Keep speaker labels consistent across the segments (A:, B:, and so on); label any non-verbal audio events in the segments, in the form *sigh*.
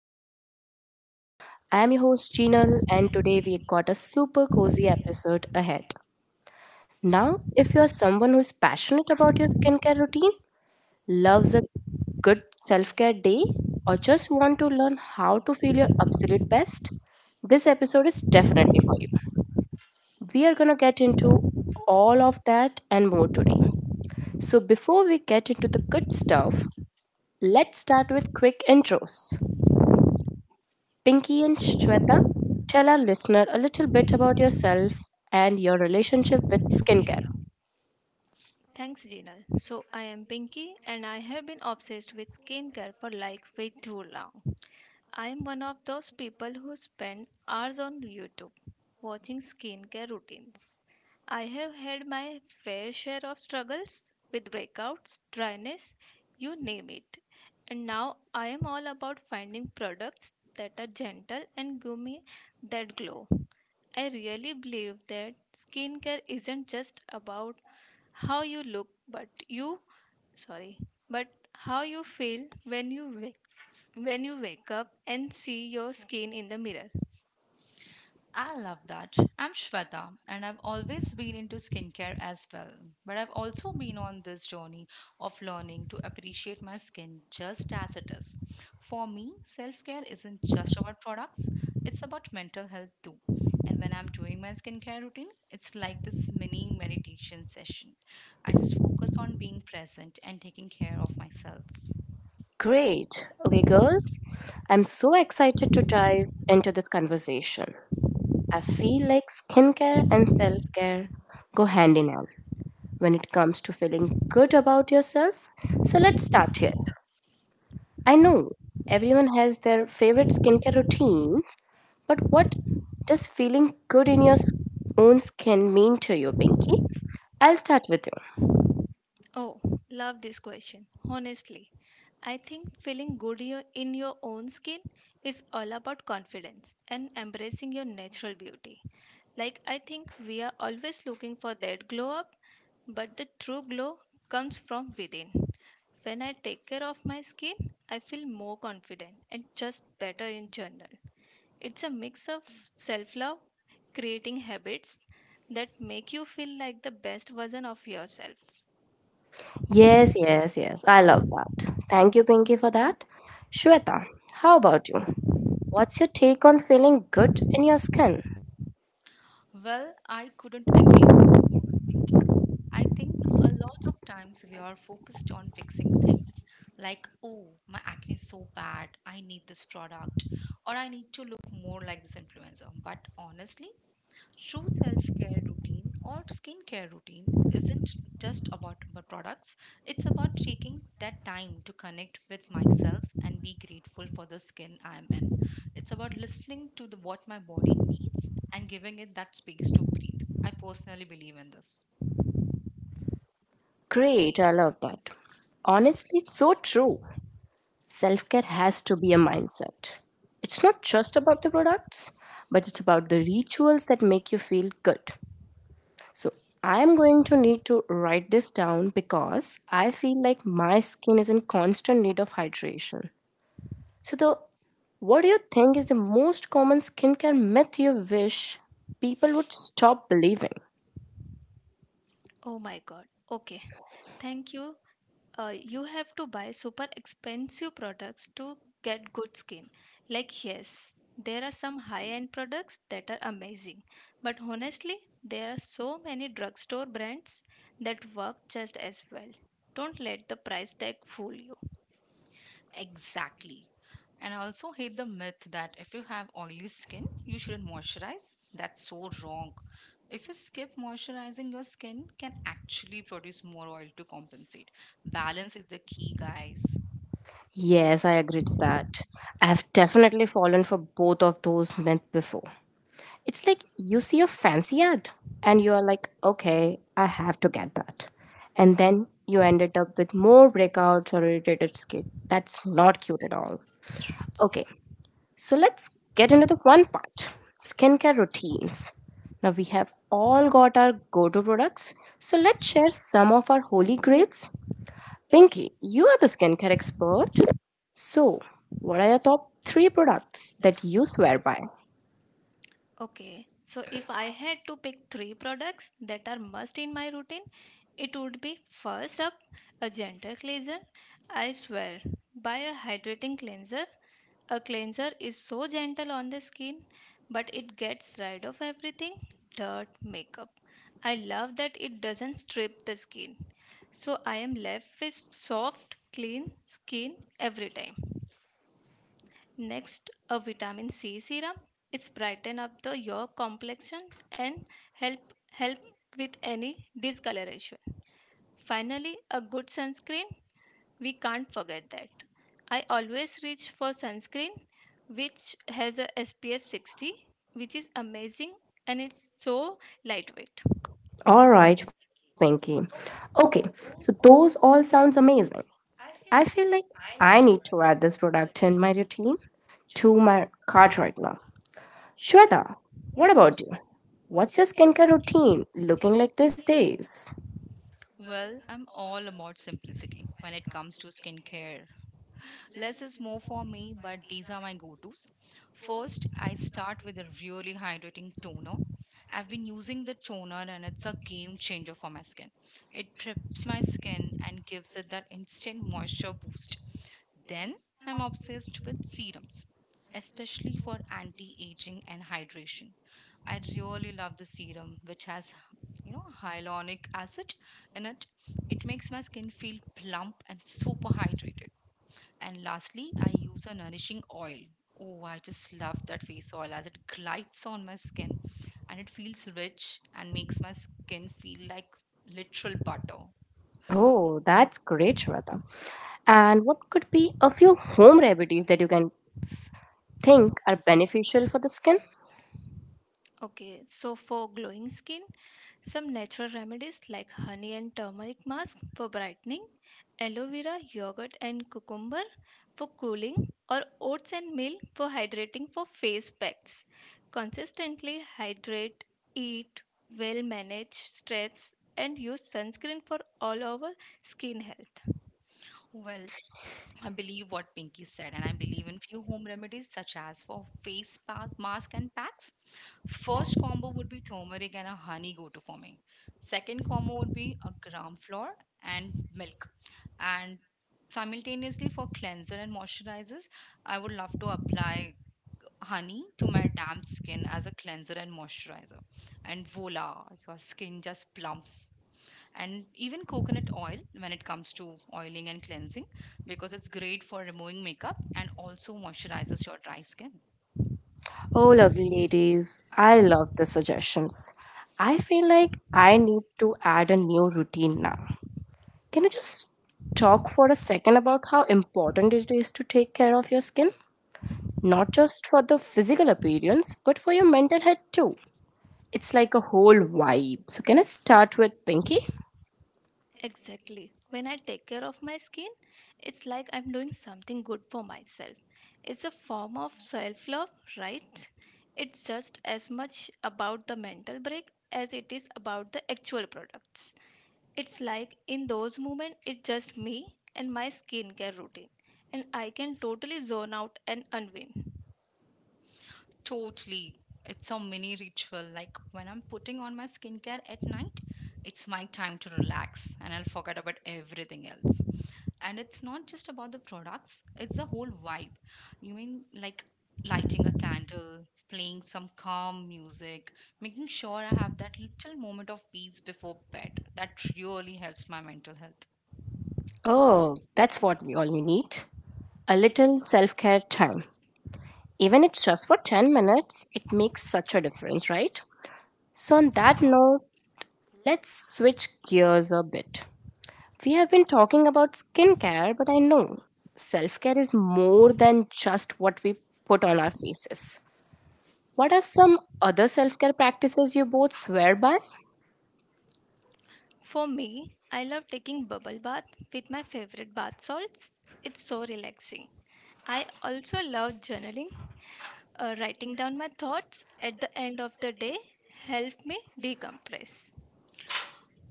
A: in your own skin. I am your host, Jinal, and today we got a super cozy episode ahead. Now, if you're someone who's passionate about your skincare routine, loves a good self care day, or just want to learn how to feel your absolute best, this episode is definitely for you. We are going to get into all of that and more today. So before we get into the good stuff, let's start with quick intros. Pinky and Shweta, tell our listener a little bit about yourself and your relationship with skincare.
B: Thanks, Jinal. So, I am Pinky and I have been obsessed with skincare for way too long. I am one of those people who spend hours on YouTube watching skincare routines. I have had my fair share of struggles with breakouts, dryness, you name it. And now I am all about finding products that are gentle and give me that glow. I really believe that skincare isn't just about how you look but you sorry but how you feel when you wake up and see your skin in the mirror.
C: Being present and taking care of myself.
A: Great. Okay, girls, I'm so excited to dive into this conversation. I feel like skincare and self care go hand in hand when it comes to feeling good about yourself. So let's start here. I know everyone has their favorite skincare routine, but what does feeling good in your own skin mean to you, Pinky? I'll start with you.
B: Oh, love this question. Honestly, I think feeling good in your own skin is all about confidence and embracing your natural beauty. I think we are always looking for that glow up, but the true glow comes from within. When I take care of my skin, I feel more confident and just better in general. It's a mix of self love, creating habits that make you feel like the best version of yourself.
A: Yes, yes, yes. I love that. Thank you, Pinky, for that. Shweta, how about you? What's your take on feeling good in your skin?
C: Well, I couldn't agree more, Pinky. I think a lot of times we are focused on fixing, like, oh, my acne is so bad, I need this product, or I need to look more like this influencer. But honestly, true self care routine or skincare routine isn't just about products, it's about taking that time to connect with myself and be grateful for the skin I'm in. It's about listening to what my body needs and giving it that space to breathe. I personally believe in this.
A: Great, I love that. Honestly, it's so true. Self care has to be a mindset. It's not just about the products, but it's about the rituals that make you feel good. So I'm going to need to write this down because I feel like my skin is in constant need of hydration. So the what do you think is the most common skincare myth you wish people would stop believing?
B: Oh my god. Okay. Thank you. You have to buy super expensive products to get good skin. Like, yes, there are some high end products that are amazing. But honestly, there are so many drugstore brands that work just as well. Don't let the price tag fool you.
C: Exactly. And I also hate the myth that if you have oily skin, you shouldn't moisturize. That's so wrong. If you skip moisturizing, your skin can actually produce more oil to compensate. Balance is the key, guys.
A: Yes, I agree to that. I have definitely fallen for both of those myths before. It's like you see a fancy ad and you are like, okay, I have to get that. And then you ended up with more breakouts or irritated skin. That's not cute at all.
C: True.
A: Okay, so let's get into the fun part skincare routines. Now, we have all got our go to products, so let's share some of our holy grails. Pinky, you are the skincare expert. So, what are your top three products that you swear by?
B: Okay, so if I had to pick three products that are must in my routine, it would be first up a gentle cleanser. I swear, by a hydrating cleanser, a cleanser is so gentle on the skin, but it gets rid of everything, dirt, makeup. I love that it doesn't strip the skin, so I am left with soft, clean skin every time. Next, a vitamin C serum. It's brighten up the your complexion and help with any discoloration. Finally, a good sunscreen. We can't forget that. I always reach for sunscreen which has a SPF 60, which is amazing and it's so lightweight.
A: All right, Pinky. Okay, so those all sounds amazing. I feel like I need to add this product in my routine to my cart right now. Shweta, what about you? What's your skincare routine looking like these days?
C: Well, I'm all about simplicity when it comes to skincare. Less is more for me, but these are my go tos. First, I start with a really hydrating toner. I've been using the toner and it's a game changer for my skin. It preps my skin and gives it that instant moisture boost. Then, I'm obsessed with serums, especially for anti aging and hydration. I really love the serum, which has, hyaluronic acid in it. It makes my skin feel plump and super hydrated. And lastly, I use a nourishing oil. Oh, I just love that face oil as it glides on my skin and it feels rich and makes my skin feel like literal butter.
A: Oh, that's great, Shweta. And what could be a few home remedies that you can s- think are beneficial for the skin?
B: Okay, so for glowing skin, some natural remedies like honey and turmeric mask for brightening, aloe vera, yogurt and cucumber for cooling, or oats and milk for hydrating for face packs. Consistently hydrate, eat, well manage stress, and use sunscreen for all our skin health.
C: Well, I believe what Pinky said, and I believe in few home remedies such as for face pas- mask and packs. First combo would be turmeric and a honey go-to for me. Second combo would be a gram flour and milk. And simultaneously for cleanser and moisturizers, I would love to apply honey to my damp skin as a cleanser and moisturizer. And voila, your skin just plumps and even coconut oil when it comes to oiling and cleansing because it's great for removing makeup and also moisturizes your dry skin.
A: Oh, lovely ladies, I love the suggestions. I feel like I need to add a new routine now. Can you just talk for a second about how important it is to take care of your skin? Not just for the physical appearance, but for your mental health too. It's like a whole vibe. So, can I start with Pinky?
B: Exactly. When I take care of my skin, it's like I'm doing something good for myself. It's a form of self love, right? It's just as much about the mental break as it is about the actual products. It's like in those moments, it's just me and my skincare routine, and I can totally zone out and unwind.
C: Totally. It's a mini ritual. Like when I'm putting on my skincare at night, it's my time to relax and I'll forget about everything else. And it's not just about the products, it's the whole vibe, you mean, like lighting a candle, playing some calm music, making sure I have that little moment of peace before bed that really helps my mental health.
A: Oh, that's what we all need. A little self care time. Even it's just for 10 minutes, it makes such a difference, right? So, on that
C: Yeah,
A: note, let's switch gears a bit. We have been talking about skincare, but I know self care is more than just what we put on our faces. What are some other self care practices you both swear by?
B: For me, I love taking bubble bath with my favorite bath salts. It's so relaxing. I also love journaling. Writing down my thoughts at the end of the day help me decompress.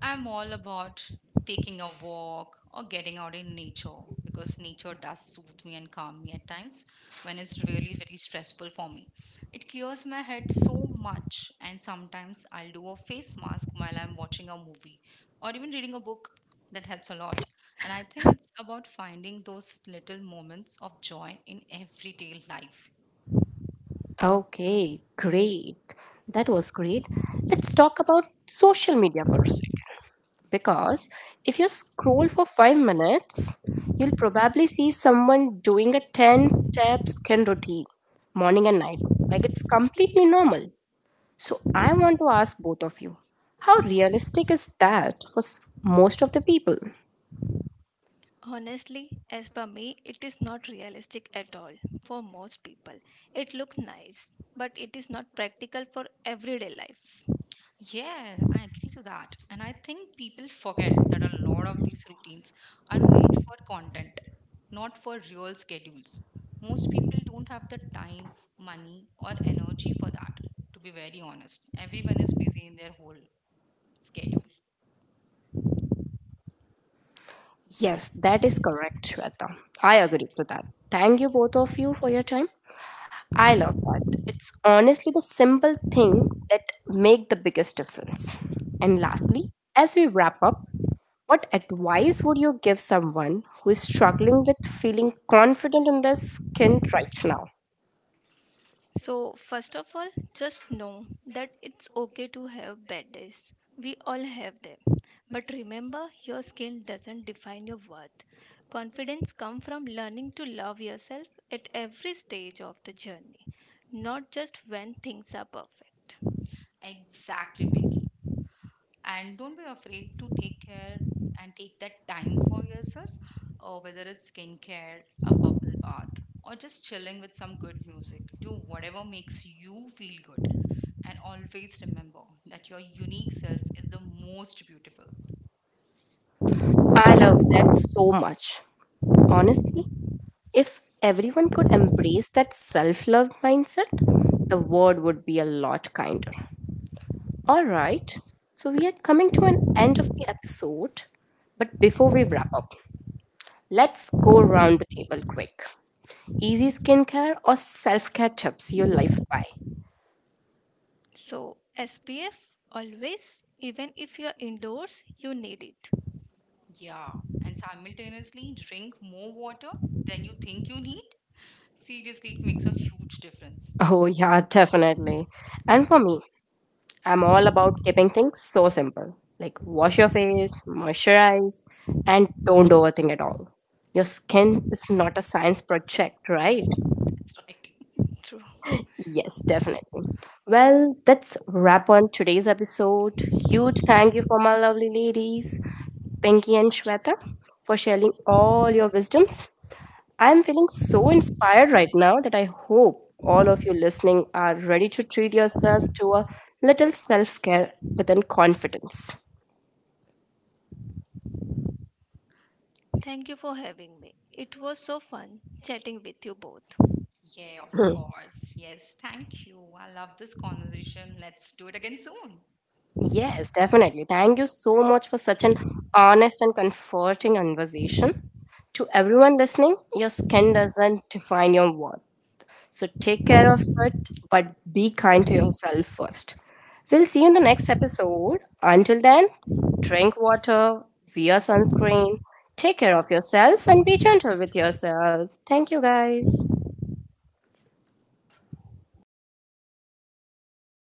C: I'm all about taking a walk or getting out in nature because nature does soothe me and calm me at times when it's really very stressful for me. It clears my head so much, and sometimes I'll do a face mask while I'm watching a movie or even reading a book. That helps a lot. And I think it's about finding those little moments of joy in everyday life.
A: Okay, great. That was great. Let's talk about social media for a second.
C: Mm.
A: Because if you scroll for 5 minutes, you'll probably see someone doing a 10 step skin routine morning and night. Like it's completely normal. So I want to ask both of you how realistic is that for most of the people?
B: Honestly, as per me, it is not realistic at all for most people. It looks nice, but it is not practical for everyday life.
C: Yeah, I agree to that. And I think people forget that a lot of these routines are made for content, not for real schedules. Most people don't have the time, money, or energy for that, to be very honest. Everyone is busy in their whole schedule.
A: Yes, that is correct, Shweta. I agree to that. Thank you both of you for your time. I love that. It's honestly the simple thing that make the biggest difference. And lastly, as we wrap up, what advice would you give someone who is struggling with feeling confident in their skin right now?
B: So, first of all, just know that it's okay to have bad days. We all have them. But remember, your skill doesn't define your worth. Confidence comes from learning to love yourself at every stage of the journey, not just when things are perfect.
C: Exactly. Pink. And don't be afraid to take care and take that time for yourself, or whether it's skincare, bath, or just chilling with some good music. Do whatever makes you feel good. And always remember that your unique self is the most beautiful.
A: I love that so much. Honestly, if everyone could embrace that self love mindset, the world would be a lot kinder. All right, so we are coming to an end of the episode. But before we wrap up, let's go round the table quick. Easy skincare or self care tips you live by?
B: So, SPF always, even if you're indoors, you need it.
C: Yeah. And simultaneously, drink more water than you think you need. Seriously, it makes a huge difference.
A: Oh, yeah, definitely. And for me, I'm all about keeping things so simple like wash your face, moisturize, and don't overthink at all. Your skin is not a science project, right?
C: That's right. *laughs*
B: True.
A: Yes, definitely. Well, that's wrap on today's episode. Huge thank you for my lovely ladies, Pinky and Shweta, for sharing all your wisdoms. I'm feeling so inspired right now that I hope all of you listening are ready to treat yourself to a little self care within confidence.
B: Thank you for having me. It was so fun chatting with you both.
C: Yeah, of course. Yes. Thank you. I love this conversation. Let's do it again soon.
A: Yes, definitely. Thank you so much for such an honest and comforting conversation. To everyone listening, your skin doesn't define your worth. So take care of it, but be kind to yourself first. We'll see you in the next episode. Until then, drink water, wear sunscreen, take care of yourself, and be gentle with yourself. Thank you, guys.